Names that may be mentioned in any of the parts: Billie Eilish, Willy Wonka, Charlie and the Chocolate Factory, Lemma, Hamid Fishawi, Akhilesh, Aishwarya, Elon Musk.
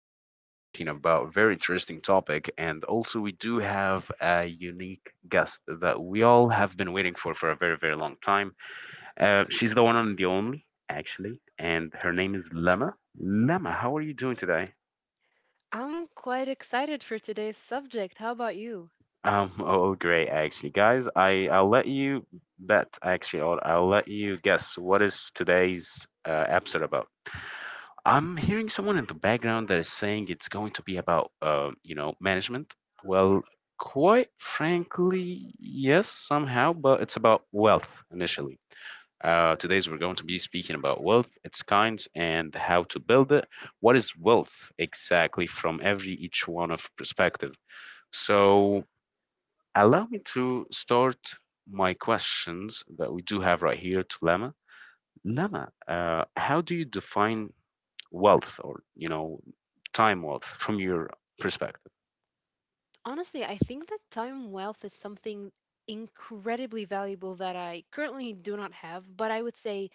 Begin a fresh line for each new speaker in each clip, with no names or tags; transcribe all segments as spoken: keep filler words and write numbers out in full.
we are going to be speaking about a very interesting topic, and also we do have a unique guest that we all have been waiting for for a very, very long time. Uh, she's the one and the only, actually, and her name is Lemma. Lemma, how are you doing today?
I'm quite excited for today's subject. How about you?
Um, oh, great, actually, guys. I I'll let you bet actually, or I'll let you guess what is today's uh, episode about. I'm hearing someone in the background that is saying it's going to be about, uh, you know, management. Well, quite frankly, yes, somehow, but it's about wealth initially. Uh, today's we're going to be speaking about wealth, its kinds, and how to build it. What is wealth exactly from every each one of perspective? So allow me to start my questions that we do have right here to Lama. Lama, uh, how do you define wealth or, you know, time wealth from your perspective?
Honestly, I think that time wealth is something incredibly valuable that I currently do not have, but I would say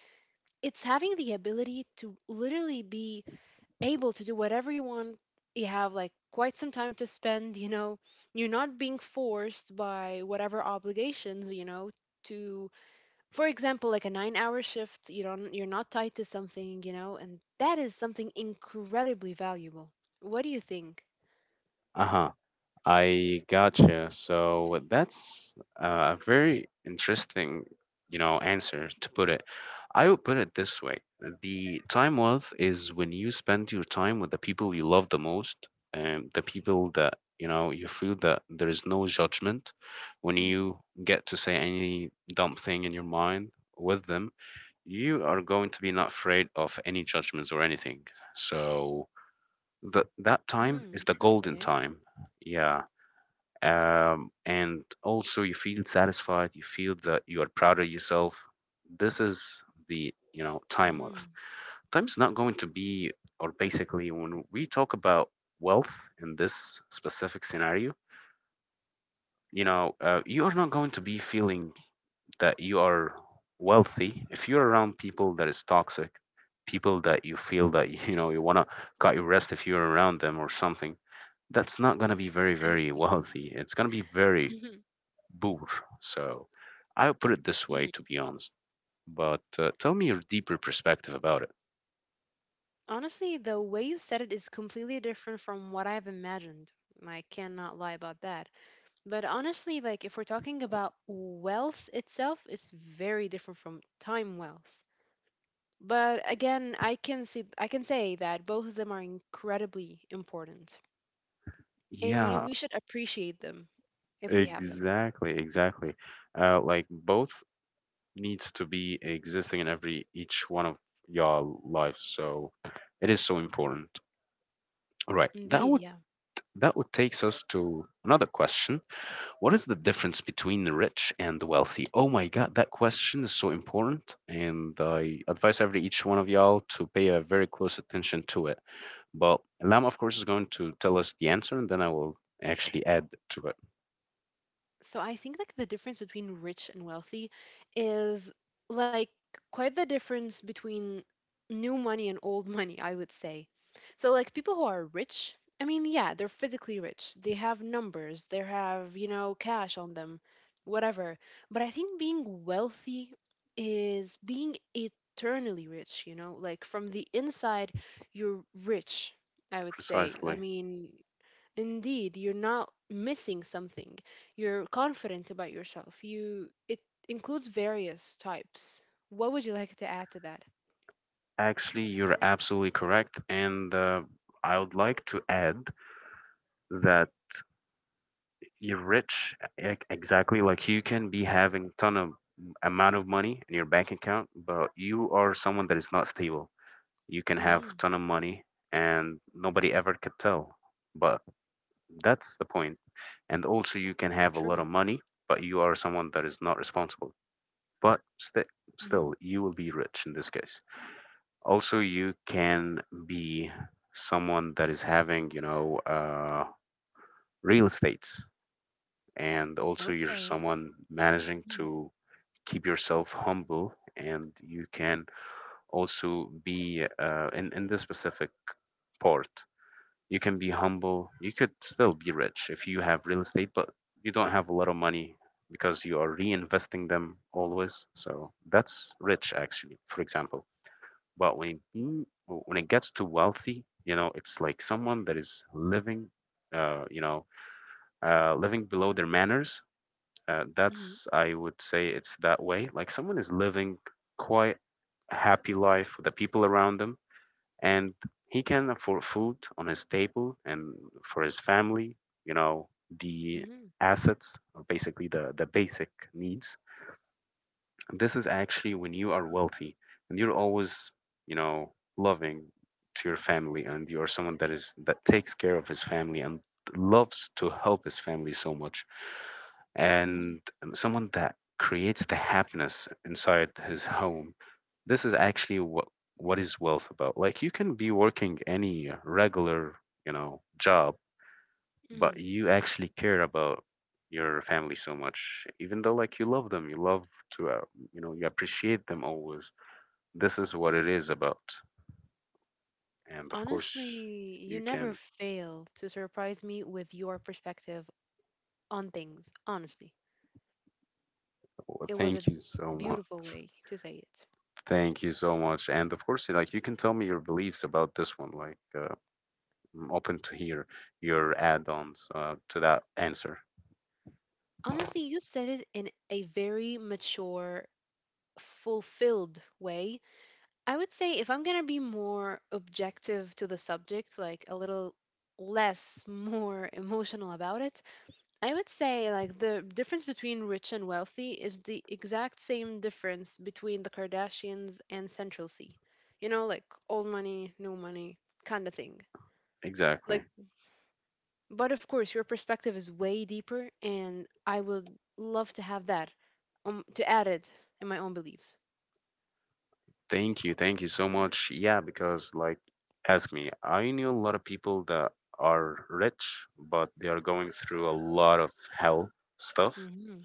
it's having the ability to literally be able to do whatever you want. You have like quite some time to spend, you know, you're not being forced by whatever obligations, you know, to for example like a nine hour shift you don't you're not tied to something you know and that is something incredibly valuable. What do you think?
Uh huh. I gotcha. So that's uh, a very interesting, you know, answer to put it. I would put it this way: the time wealth is when you spend your time with the people you love the most, and the people that you know you feel that there is no judgment when you get to say any dumb thing in your mind with them. You are going to be not afraid of any judgments or anything. So that that
Mm-hmm.
time is the
Okay.
golden time. Yeah, um, and also you feel satisfied, you feel that you are proud of yourself. This is the, you know time
Hmm.
wealth. Time is not going to be, or basically when we talk about wealth in this specific scenario, you know uh, you are not going to be feeling that you are wealthy if you're around people that is toxic, people that you feel that you know you want to cut your wrist if you're around them or something. That's not going to be very
I
very
see.
wealthy, it's going to be very
Mhm.
boor. So I would put it this way, to
Mhm.
be honest. But uh, tell me your deeper perspective about it.
Honestly, the way you said it is completely different from what I've imagined. I cannot lie about that. But honestly, like, if we're talking about wealth itself, it's very different from time wealth. But again, i can see I can say that both of them are incredibly important, and you, we
Yeah,
should appreciate them if we have them.
exactly, exactly. Uh, like both needs to be existing in every each one of your lives, so it is so important. All right,
Indeed,
that would,
yeah.
that would takes us to another question. What is the difference between the rich and the wealthy? Oh my God, that question is so important, and I advise every each one of y'all to pay a very close attention to it. But Lam, of course, is going to tell us the answer, and then I will actually add to it.
So I think like the difference between rich and wealthy is, like, quite the difference between new money and old money, I would say. So, like, people who are rich, I mean, yeah, they're physically rich. They have numbers, they have, you know, cash on them, whatever. But I think being wealthy is being eternally rich, you know? Like from the inside, you're rich, I would say. I
Precisely.
mean, indeed, you're not missing something. You're confident about yourself. You it includes various types. What would you like to add to that?
Actually, you're absolutely correct. And uh, I would like to add that you're rich, e- exactly like you can be having ton of amount of money in your bank account, but you are someone that is not stable. You can have ton
Hmm.
of money and nobody ever could tell. But that's the point. And also you can have a lot
True.
of money, but you are someone that is not responsible. But st-
Hmm.
Still, you will be rich in this case. Also you can be someone that is having, you know uh, real estate, and also you're
Okay.
someone managing
Hmm.
to keep yourself humble, and you can also be uh, in, in this specific part, you can be humble, you could still be rich if you have real estate but you don't have a lot of money because you are reinvesting them always. So that's rich actually, for example. But when being w- when it gets to wealthy, you know, it's like someone that is living, uh, you know, uh, living below their manners. Uh,
Hmm.
that's, I would say it's that way. Like someone is living quite a happy life with the people around them, and he can afford food on his table and for his family. You know, the
Hmm.
assets, or basically the the basic needs, this is actually when you are wealthy, and you're always, you know, loving to your family, and you're someone that is that takes care of his family and loves to help his family so much, and
Hmm.
someone that creates the happiness inside his home. This is actually what what is wealth about. Like you can be working any regular, you know, job, but
Mm.
you actually care about your family so much. Even though like you love them, you love to uh, you know, you appreciate them always, this is what it is about. And of
Honestly,
course, you
you never
can,
fail to surprise me with your perspective on things. Honestly,
well,
it was a
thank you so much,
beautiful way to say it.
thank you so much. And of course, like you can tell me your beliefs about this one, like uh, I'm open to hear your add-ons uh, to that answer.
Honestly, you said it in a very mature, fulfilled way. I would say, if I'm gonna be more objective to the subject, like a little less, more emotional about it, I would say like the difference between rich and wealthy is the exact same difference between the Kardashians and Central C. You know, like old money, new money kind of thing. Like,
Exactly.
but of course, your perspective is way deeper, and I would love to have that, um, to add it in my own beliefs.
Thank you. Thank you so much. Yeah, because like ask me, I knew a lot of people that are rich, but they are going through a lot of hell stuff,
Hmm.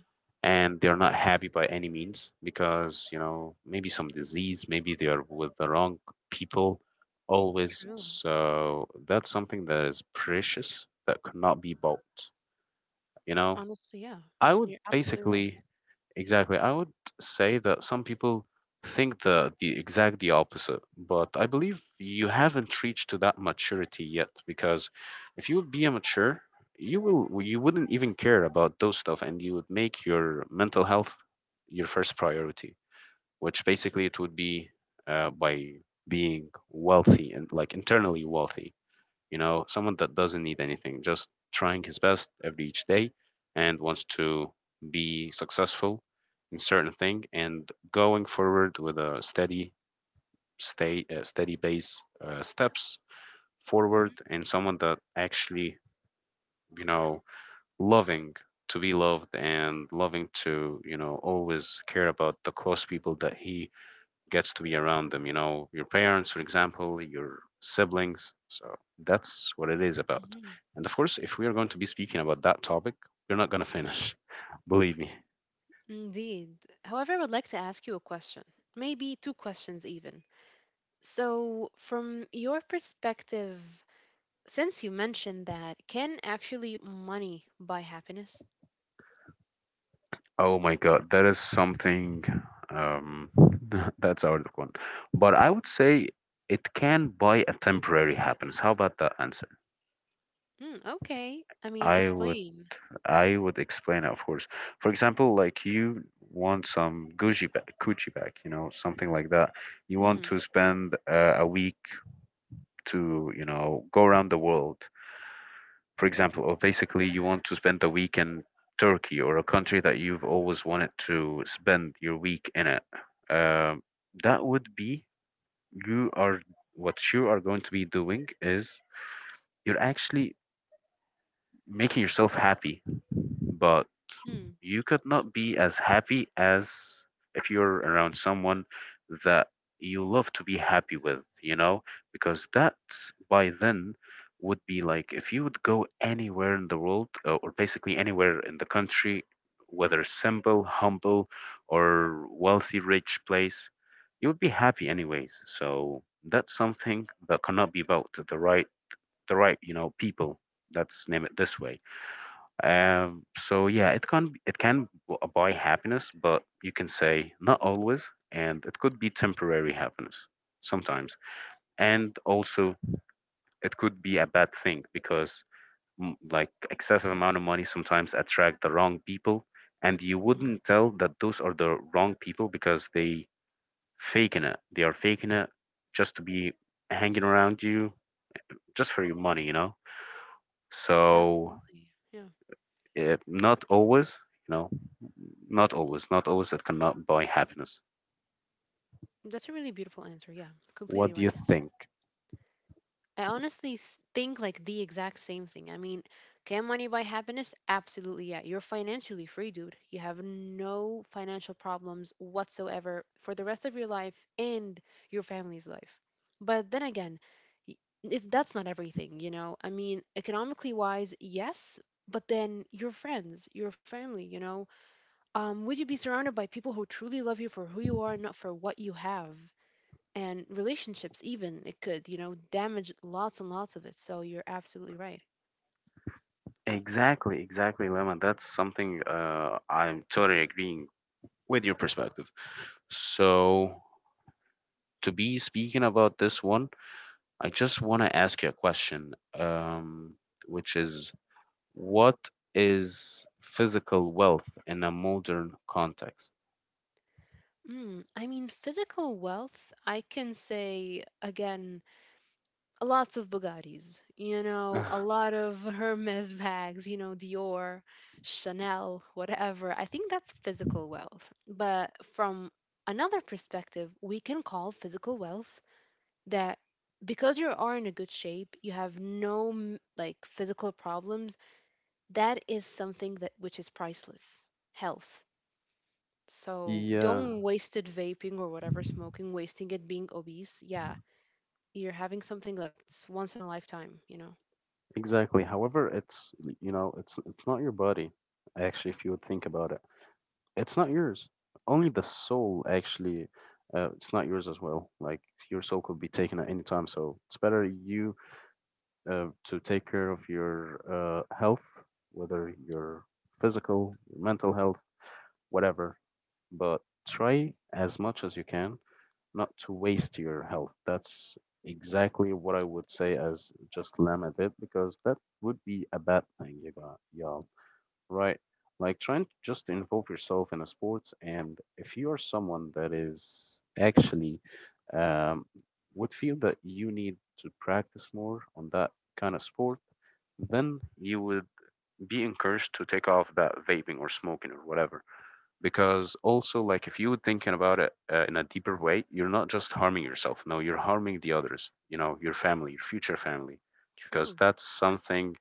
and they're not happy by any means because, you know, maybe some disease, maybe they are with the wrong people always.
True.
So that's something that is precious that cannot be bought, you know?
Honestly, yeah.
I would
You're absolutely right.
basically, exactly, I would say that some people think the the exact the opposite, but I believe you haven't reached to that maturity yet, because if you would be a mature, you will you wouldn't even care about those stuff, and you would make your mental health your first priority, which basically it would be uh, by being wealthy, and like internally wealthy, you know, someone that doesn't need anything, just trying his best every each day, and wants to be successful in certain thing and going forward with a steady stay uh, steady base uh, steps forward,
Mm-hmm,
and someone that actually, you know, loving to be loved, and loving to, you know, always care about the close people that he gets to be around them, you know, your parents, for example, your siblings. So that's what it is about.
mm-hmm.
And of course, if we are going to be speaking about that topic, we're not going to finish. Believe me.
Indeed. However, I would like to ask you a question, maybe two questions even. So, from your perspective, since you mentioned that, can actually money buy happiness?
Oh my God, that is something, um, that's out of one. But I would say it can buy a temporary happiness. How about that answer?
Mm, okay. I mean,
I would
explain.
I would explain it, of course. For example, like you want some Gucci bag, Gucci bag, you know, something like that. You want
Mm-hmm.
to spend uh, a week to, you know, go around the world. For example, or basically you want to spend a week in Turkey or a country that you've always wanted to spend your week in it. Um, that would be, you are, what you are going to be doing is you're actually making yourself happy, but
Mm-hmm.
you could not be as happy as if you're around someone that you love to be happy with, you know? Because that, by then, would be like if you would go anywhere in the world uh, or basically anywhere in the country, whether simple, humble, or wealthy, rich place, you would be happy anyways. So that's something that cannot be about the right, the right, you know, people. Let's name it this way. Um, so yeah, it can, it can b- buy happiness, but you can say not always, and it could be temporary happiness sometimes. And also it could be a bad thing because, mm, like excessive amount of money sometimes attract the wrong people, and you
Mm-hmm.
wouldn't tell that those are the wrong people because they faking it. They are faking it just to be hanging around you, just for your money, you know. So
Absolutely. Yeah.
Uh, not always, you know, not always, not always, that cannot buy happiness.
That's a really beautiful answer. Yeah,
What
completely
do you
right.
think?
I honestly s- think like the exact same thing. I mean, can money buy happiness? Absolutely, yeah. You're financially free, dude. You have no financial problems whatsoever for the rest of your life and your family's life. But then again, y- it's, that's not everything, you know? I mean, economically wise, yes, but then your friends, your family, you know? Um, would you be surrounded by people who truly love you for who you are, not for what you have? And relationships, even, it could, you know damage lots and lots of it, so you're absolutely right.
Exactly, exactly, Lemon. That's something, uh, I'm totally agreeing with your perspective. So, to be speaking about this one, I just want to ask you a question, um, which is, what is physical wealth in a modern context?
Mm, I mean, physical wealth, I can say, again, lots of Bugattis, you know, a lot of Hermes bags, you know, Dior, Chanel, whatever. I think that's physical wealth. But from another perspective, we can call physical wealth that because you are in a good shape, you have no m- like physical problems. That is something that which is priceless. Health. So
Yeah,
don't waste it vaping or whatever, smoking, wasting it, being obese. Yeah, you're having something that's once in a lifetime, you know.
exactly. However, it's, you know, it's it's not your body. Actually, if you would think about it, it's not yours. Only the soul actually, uh, it's not yours as well. Like your soul could be taken at any time, so it's better you uh, to take care of your uh, health, whether your physical, your mental health, whatever. But try as much as you can not to waste your health. That's exactly what I would say, as just limit it because that would be a bad thing, you got y'all. Right? Like trying to just involve yourself in a sports. And if you are someone that is actually um, would feel that you need to practice more on that kind of sport, then you would be encouraged to take off that vaping or smoking or whatever. Because also, like, if you were thinking about it uh, in a deeper way, you're not just harming yourself, no, you're harming the others, you know, your family, your future family. Because
True.
that's something,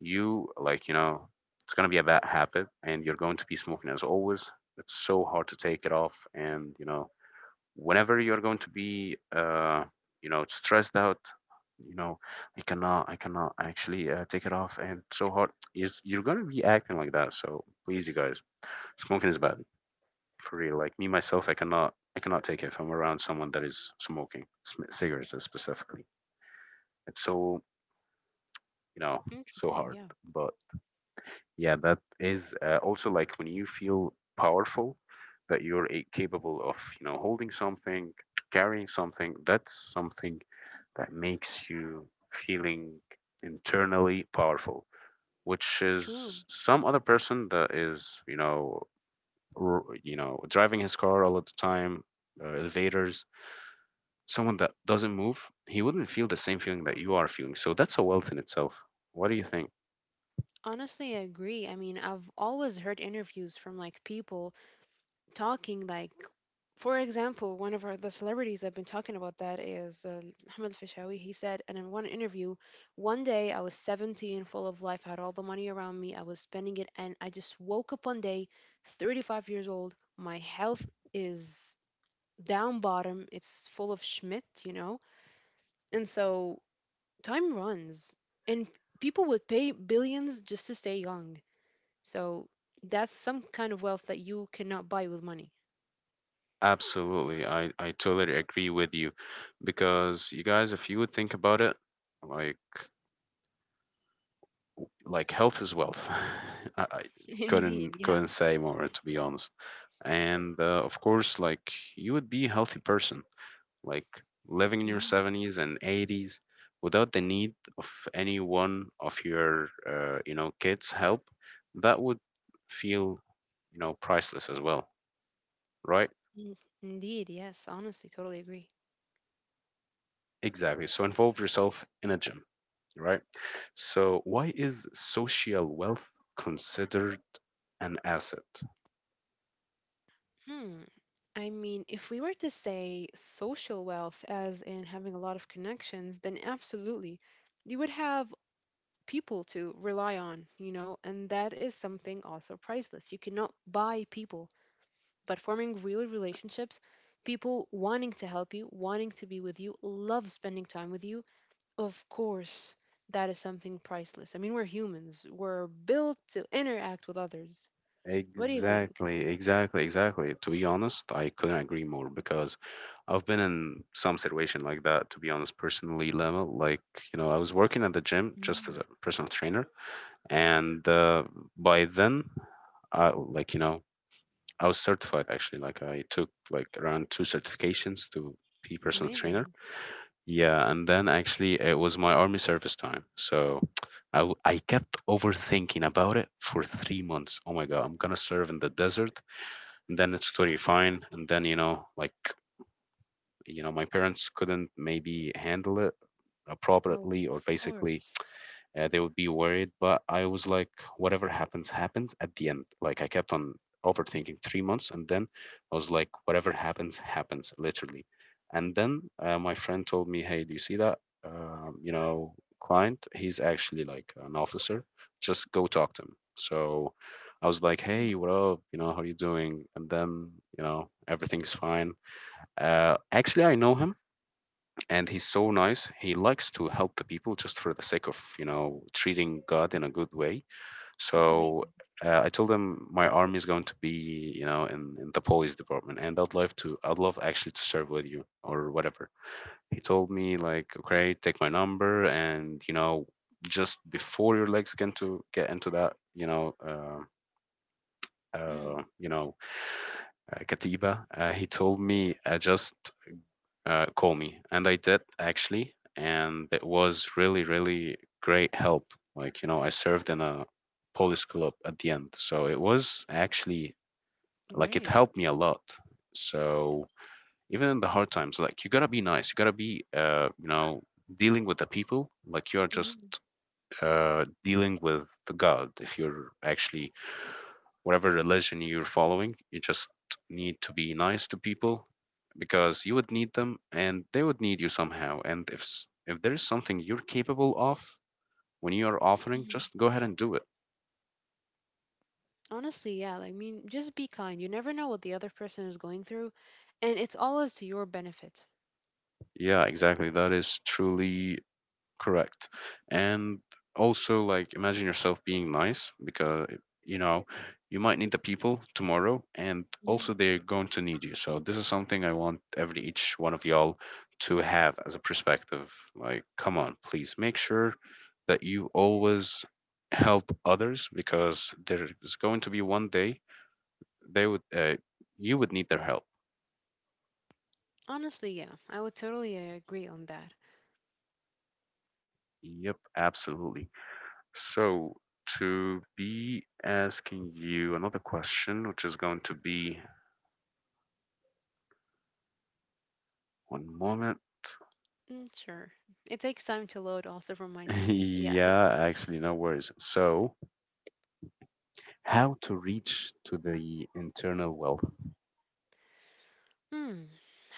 you like, you know, it's going to be a bad habit and you're going to be smoking as always. It's so hard to take it off. And you know, whenever you're going to be uh you know, stressed out, you know, i cannot i cannot actually uh, take it off and it's so hard. Is you're going to be acting like that. So please, you guys, smoking is bad. For real, like me myself, I cannot, I cannot take it if I'm around someone that is smoking sm- cigarettes, uh, specifically. It's so, you know, so
Interesting.
hard.
Yeah.
But yeah, that is uh, also like when you feel powerful, that you're a- capable of, you know, holding something, carrying something. That's something that makes you feeling internally powerful, which
True.
is some other person that is, you know, r- you know, driving his car all of the time, uh, elevators, someone that doesn't move, he wouldn't feel the same feeling that you are feeling. So that's a wealth in itself. What do you think?
Honestly, I agree. I mean, I've always heard interviews from, like, people talking, like, for example, one of our, the celebrities I've been talking about, that is uh, Hamid Fishawi. He said, and in one interview, one day I was seventeen, full of life, had all the money around me, I was spending it, and I just woke up one day, thirty-five years old, my health is down bottom, it's full of schmidt, you know? And so time runs, and people would pay billions just to stay young. So that's some kind of wealth that you cannot buy with money.
Absolutely. I, I totally agree with you. Because you guys, if you would think about it, like like health is wealth. I, I
Indeed,
couldn't
yeah.
couldn't say more, to be honest. And uh, of course, like, you would be a healthy person, like living in your
Mhm.
seventies and eighties without the need of any one of your uh, you know, kids' help. That would feel, you know, priceless as well, right?
Mm. Indeed, yes, honestly, totally agree.
Exactly. So involve yourself in a gym, right? So why is social wealth considered an asset?
Hmm. I mean, if we were to say social wealth as in having a lot of connections, then absolutely. You would have people to rely on, you know, and that is something also priceless. You cannot buy people, but forming real relationships, people wanting to help you, wanting to be with you, love spending time with you, of course, that is something priceless. I mean, we're humans, we're built to interact with others. What do you think?
Exactly, exactly, exactly. To be honest, I couldn't agree more. Because I've been in some situation like that, to be honest, personally, Lama. Like, you know, I was working at the gym just as
Mm.
a personal trainer, and uh, by then, I like, you know, I was certified actually. Like, I took like around two certifications to be personal trainer.
Amazing.
Yeah, and then actually it was my army service time. So I, w- I kept overthinking about it for three months. Oh my God, I'm gonna serve in the desert, and then it's totally fine. And then, you know, like, you know, my parents couldn't maybe handle it
Oh,
appropriately or
of
basically
course.
uh, they would be worried. But I was like, whatever happens happens. At the end, like, I kept on overthinking three months, and then I was like, whatever happens happens, literally. And then uh, my friend told me, hey, do you see that um, you know, client? He's actually like an officer. Just go talk to him. So I was like,
Mm,
hey, what up, you know, how are you doing? And then, you know, everything's fine. uh, actually, I know him, and he's so nice. He likes to help the people just for the sake of, you know, treating god in a good way.
that's
So
amazing.
uh, I told him my army is going to be, you know, in, in the police department, and I'd love to, I'd love actually to serve with you or whatever. He told me like, okay, take my number, and you know, just before your legs get to get into that, you know, uh,
Mm,
uh, you know, uh, katiba, uh, he told me, uh, just uh, call me. And I did actually, and it was really really great help. Like, you know, I served in a police club at the end. So it was actually, like, it
great.
helped me a lot. So even in the hard times, like, you gotta be nice, you gotta be, uh, you know, dealing with the people like you're just
Mm.
uh, dealing with the god. If you're actually, whatever religion you're following, you just need to be nice to people. Because you would need them and they would need you somehow. And if s- if there is something you're capable of, when you are offering,
Mm.
just go ahead and do it.
Honestly, yeah, like, I mean, just be kind. You never know what the other person is going through, and it's always to your benefit.
Yeah, exactly. That is truly correct. And also, like, imagine yourself being nice because, you know, you might need the people tomorrow, and
Hmm.
also they're going to need you. So this is something I want every each one of y'all to have as a perspective. Like, come on, please, make sure that you always help others, because there's going to be one day they would, uh, you would need their help.
Honestly, yeah, I would totally uh, agree on that.
Yep, absolutely. So, to be asking you another question, which is going to be one moment.
Mm, sure. It takes time to load also from my screen. So yeah.
Yeah, actually, no worries. So, how to reach to the internal wealth?
Hmm.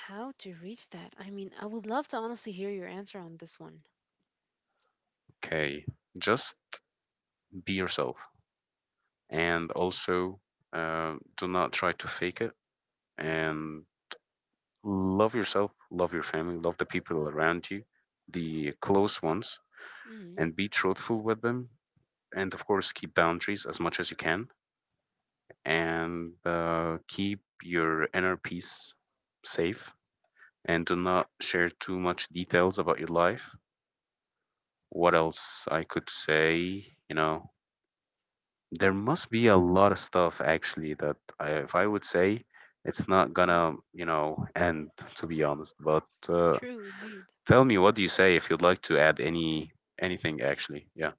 How to reach that? I mean, I would love to honestly hear your answer on this one.
Okay, just be yourself. And also uh, do not try to fake it, and love yourself, love your family, love the people around you, the close ones,
Mm-hmm.
and be truthful with them. And of course, keep boundaries as much as you can, and uh, keep your inner peace safe, and do not share too much details about your life. What else I could say? You know, there must be a lot of stuff actually that I, if I would say, it's not gonna, you know, end, to be honest. But uh,
True, indeed.
tell me, what do you say if you'd like to add any anything actually? Yeah.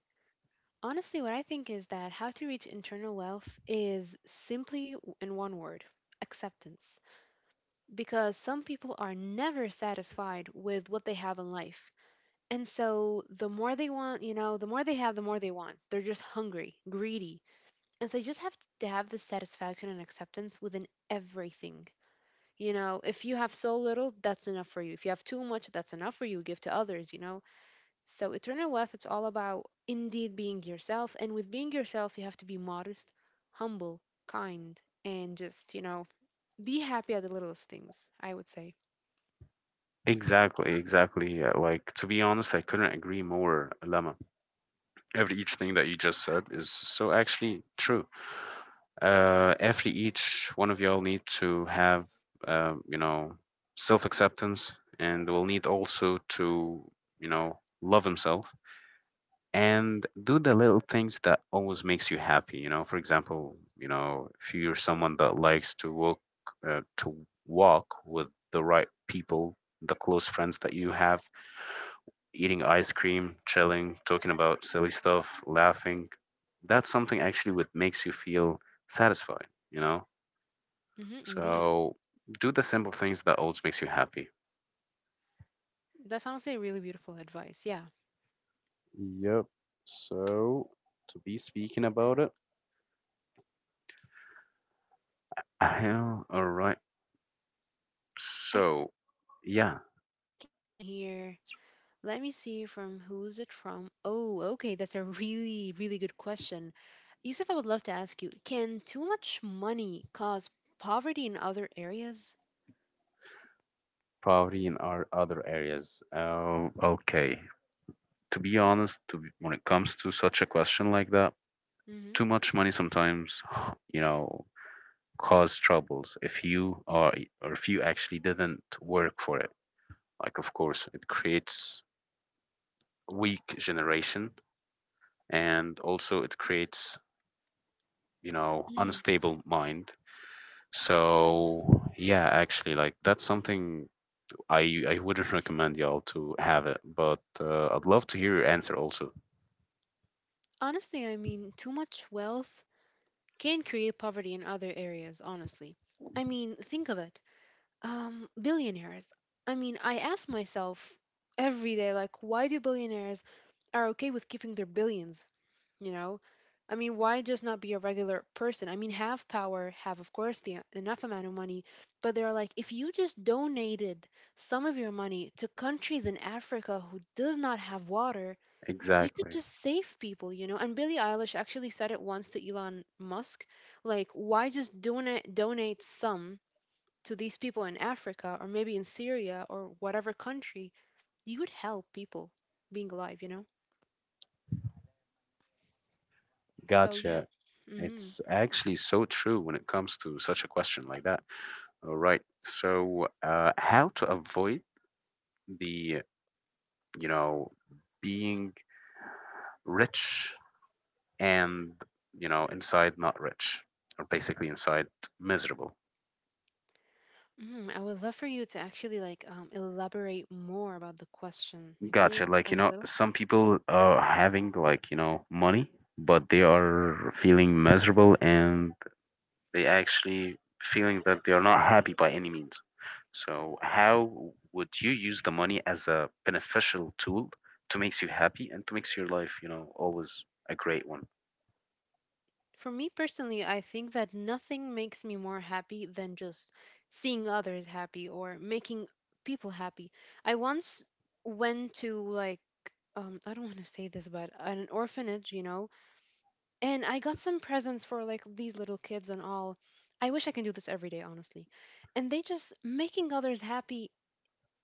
Honestly, what I think is that how to reach internal wealth is simply w- in one word: acceptance. Because some people are never satisfied with what they have in life. And so the more they want, you know, the more they have, the more they want. They're just hungry, greedy. And so you just have to have the satisfaction and acceptance within everything. You know, if you have so little, that's enough for you. If you have too much, that's enough for you. Give to others, you know, so eternal wealth, it's all about, indeed, being yourself. And with being yourself, you have to be modest, humble, kind, and just, you know, be happy at the littlest things, I would say.
Exactly, exactly. Yeah. Like, to be honest, I couldn't agree more, Lama. Every each thing that you just said is so actually true. Uh, every each one of y'all need to have, um, you know, self acceptance, and will need also to, you know, love himself, and do the little things that always makes you happy. You know, for example, you know, if you're someone that likes to walk, uh, to walk with the right people, the close friends that you have, eating ice cream, chilling, talking about silly stuff, laughing. That's something actually what makes you feel satisfied, you know?
Hmm. Indeed.
So do the simple things that always makes you happy.
That's honestly really beautiful advice. Yeah.
Yep. So to be speaking about it. Yeah, all right.
I
So
can see the
yeah,
next question here. Let me see, from who's it from? Oh, okay. That's a really, really good question. Yusuf, I would love to ask you, can too much money cause poverty in other areas?
probably in our other areas. Uh, okay. To be honest, to be, when it comes to such a question like that,
Mm-hmm.
too much money sometimes, you know, cause troubles if you are, or if you actually didn't work for it. Like of course it creates weak generation, and also it creates, you know, unstable mind. So yeah, actually, like, that's something i i wouldn't recommend y'all to have it. But uh, I'd love to hear your answer also.
Honestly, I mean, too much wealth can create poverty in other areas, honestly. I mean, think of it. Um, billionaires. I mean, I ask myself every day, like, why do billionaires are okay with keeping their billions, you know? I mean, why just not be a regular person? I mean, have power, have, of course, the enough amount of money, but they're like, if you just donated some of your money to countries in Africa who does not have water, you could
Exactly.
just save people, you know. And Billie Eilish actually said it once to Elon Musk, like, why just donate donate some to these people in Africa or maybe in Syria or whatever country? You would help people being alive, you know. So yeah.
Gotcha.
Mm.
It's actually so true when it comes to such a question like that. All right. So, uh, how to avoid the, you know, being rich and, you know, inside not rich, or basically inside miserable.
Mm, I would love for you to actually, like, um, elaborate more about the question. And can you
Gotcha, like, you
explain a
know,
little?
some people are having like, you know, money, but they are feeling miserable, and they actually feeling that they are not happy by any means. So how would you use the money as a beneficial tool to makes you happy and to makes your life, you know, always a great one?
For me personally, I think that nothing makes me more happy than just seeing others happy or making people happy. I once went to, like, um I don't want to say this, but an orphanage, you know, and I got some presents for, like, these little kids and all. I wish I can do this every day, honestly. And they, just making others happy,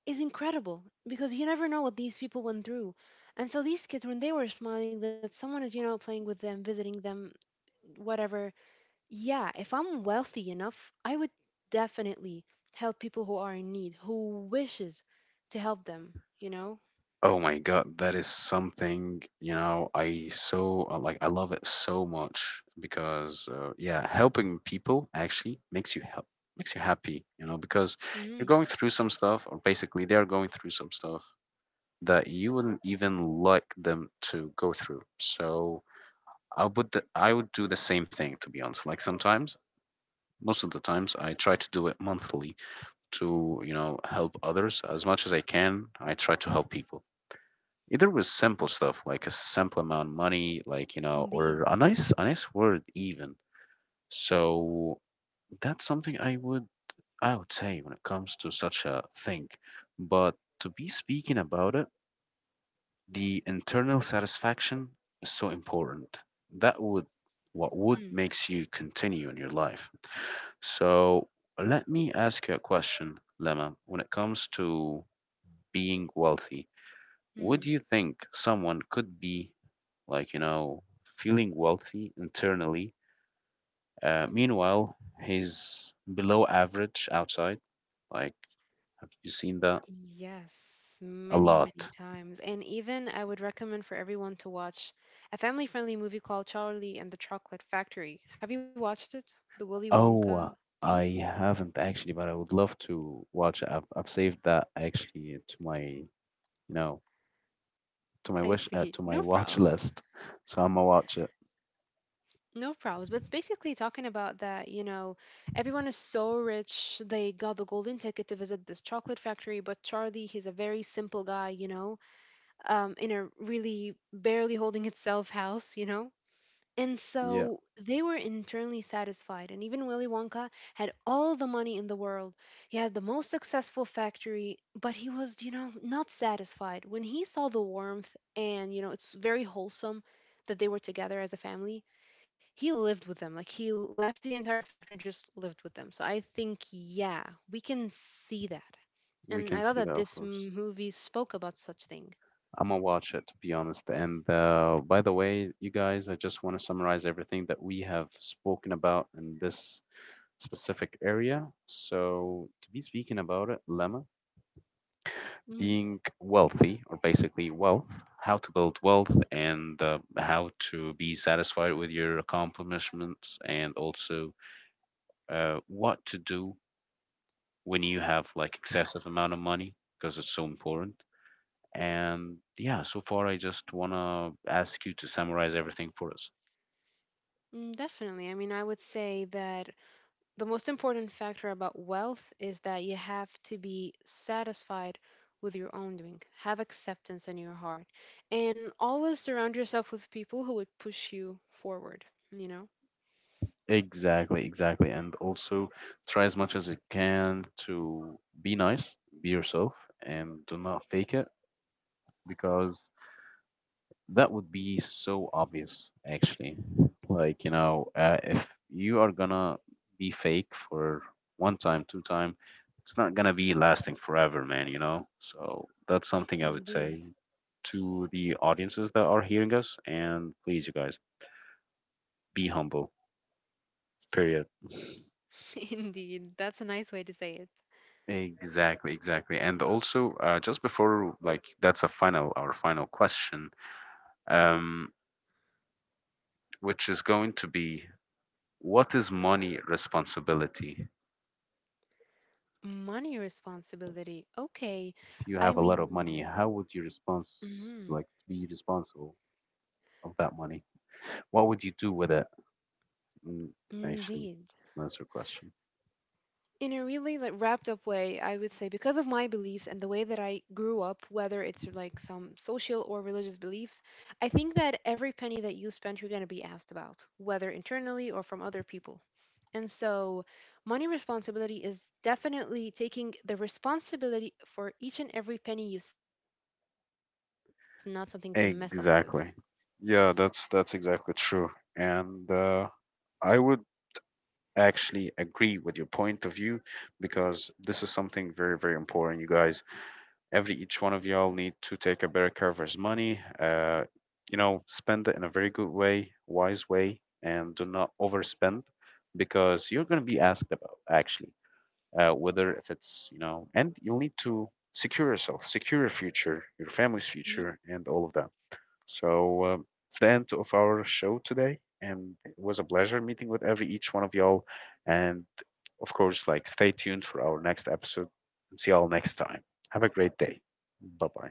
is incredible because you never know what these people went through. And so these kids, when they were smiling that someone is, you know, playing with them, visiting them, whatever, yeah, if I'm wealthy enough, I would definitely help people who are in need, who wishes to help them, you know?
Oh my god, that is something, you know, I so uh, like, I love it so much. Because uh, yeah, helping people actually makes you help, makes you happy, you know, because you're
Mm,
going through some stuff, or basically they're going through some stuff that you wouldn't even like them to go through. So I would th- I would do the same thing, to be honest. Like sometimes, most of the times I try to do it monthly to, you know, help others as much as I can. I try to help people either with simple stuff, like a simple amount of money, like, you know,
indeed.
or a nice, a nice word even. So that's something I would, I would say when it comes to such a thing. But to be speaking about it, the internal satisfaction is so important. That would, what would
Mm.
makes you continue in your life. So let me ask you a question, Lemma. When it comes to being wealthy, would
Mm.
you think someone could be, like, you know, feeling wealthy internally? Uh, meanwhile, he's below average outside. Like, have you seen that?
Yes,
A
many, many
lot.
times. And even, I would recommend for everyone to watch a family-friendly movie called Charlie and the Chocolate Factory. Have you watched it? The Willy Wonka
Oh, uh,
thing?
I haven't actually, but I would love to watch it. I've, I've saved that actually to my, you know,
I
to my wish,
see.
uh,
No
to my watch
problems.
list. So I'm gonna watch it.
No problems. But it's basically talking about that, you know, everyone is so rich. They got the golden ticket to visit this chocolate factory, but Charlie, he's a very simple guy, you know, um, in a really barely holding itself house, you know. And
Yeah,
so they were internally satisfied. And even Willy Wonka had all the money in the world. He had the most successful factory, but he was, you know, not satisfied. When he saw the warmth, and, you know, it's very wholesome that they were together as a family, he lived with them. Like, he left the entire factory and just lived with them. So I think, yeah, we can see that.
we
And I
can
love
see
that
that, of
this m-
course.
movie spoke about such thing.
I'm gonna watch it, to be honest. And uh, by the way, you guys, I just want to summarize everything that we have spoken about in this specific area. So, to be speaking about it, Lemma,
Mhm.
being wealthy, or basically wealth, how to build wealth, and uh, how to be satisfied with your accomplishments, and also uh, what to do when you have like excessive amount of money, because it's so important. And yeah, so far I just want to ask you to summarize everything for us.
Mm, definitely. I mean, I would say that the most important factor about wealth is that you have to be satisfied with your own doing, have acceptance in your heart, and always surround yourself with people who would push you forward, you know?
Exactly, exactly. And also try as much as you can to be nice, be yourself, and do not fake it, because that would be so obvious, actually. Like, you know, uh, if you are gonna be fake for one time, two time, it's not gonna be lasting forever, man, you know? So that's something I would say
Indeed.
to the audiences that are hearing us. And please, you guys, be humble, period.
Indeed. That's a nice way to say it.
Exactly, exactly. And also, uh, just before, like, that's a final, our final question, um, which is going to be, what is money responsibility?
Money responsibility. Okay.
If you
I
have a lot of money,
mean,
how would you response,
mhm,
like, be responsible of that money? What would you do with it? Mm, actually,
indeed.
that's your question.
In a really, like, wrapped up way, I would say because of my beliefs and the way that I grew up, whether it's like some social or religious beliefs, I think that every penny that you spend, you're going to be asked about, whether internally or from other people. And so, money responsibility is definitely taking the responsibility for each and every penny you spend on something. That's not something to mess up with.
Exactly. Yeah, that's that's exactly true. And uh, I would actually agree with your point of view, because this is something very, very important, you guys. Every each one of y'all need to take a better care of his money, uh you know, spend it in a very good way, wise way, and do not overspend. Because you're going to be asked about, actually, uh, whether if it's, you know, and you'll need to secure yourself, secure your future, your family's future, and all of that. So uh, it's the end of our show today, and it was a pleasure meeting with every each one of y'all. And of course, like, stay tuned for our next episode, and see y'all next time. Have a great day. Bye bye.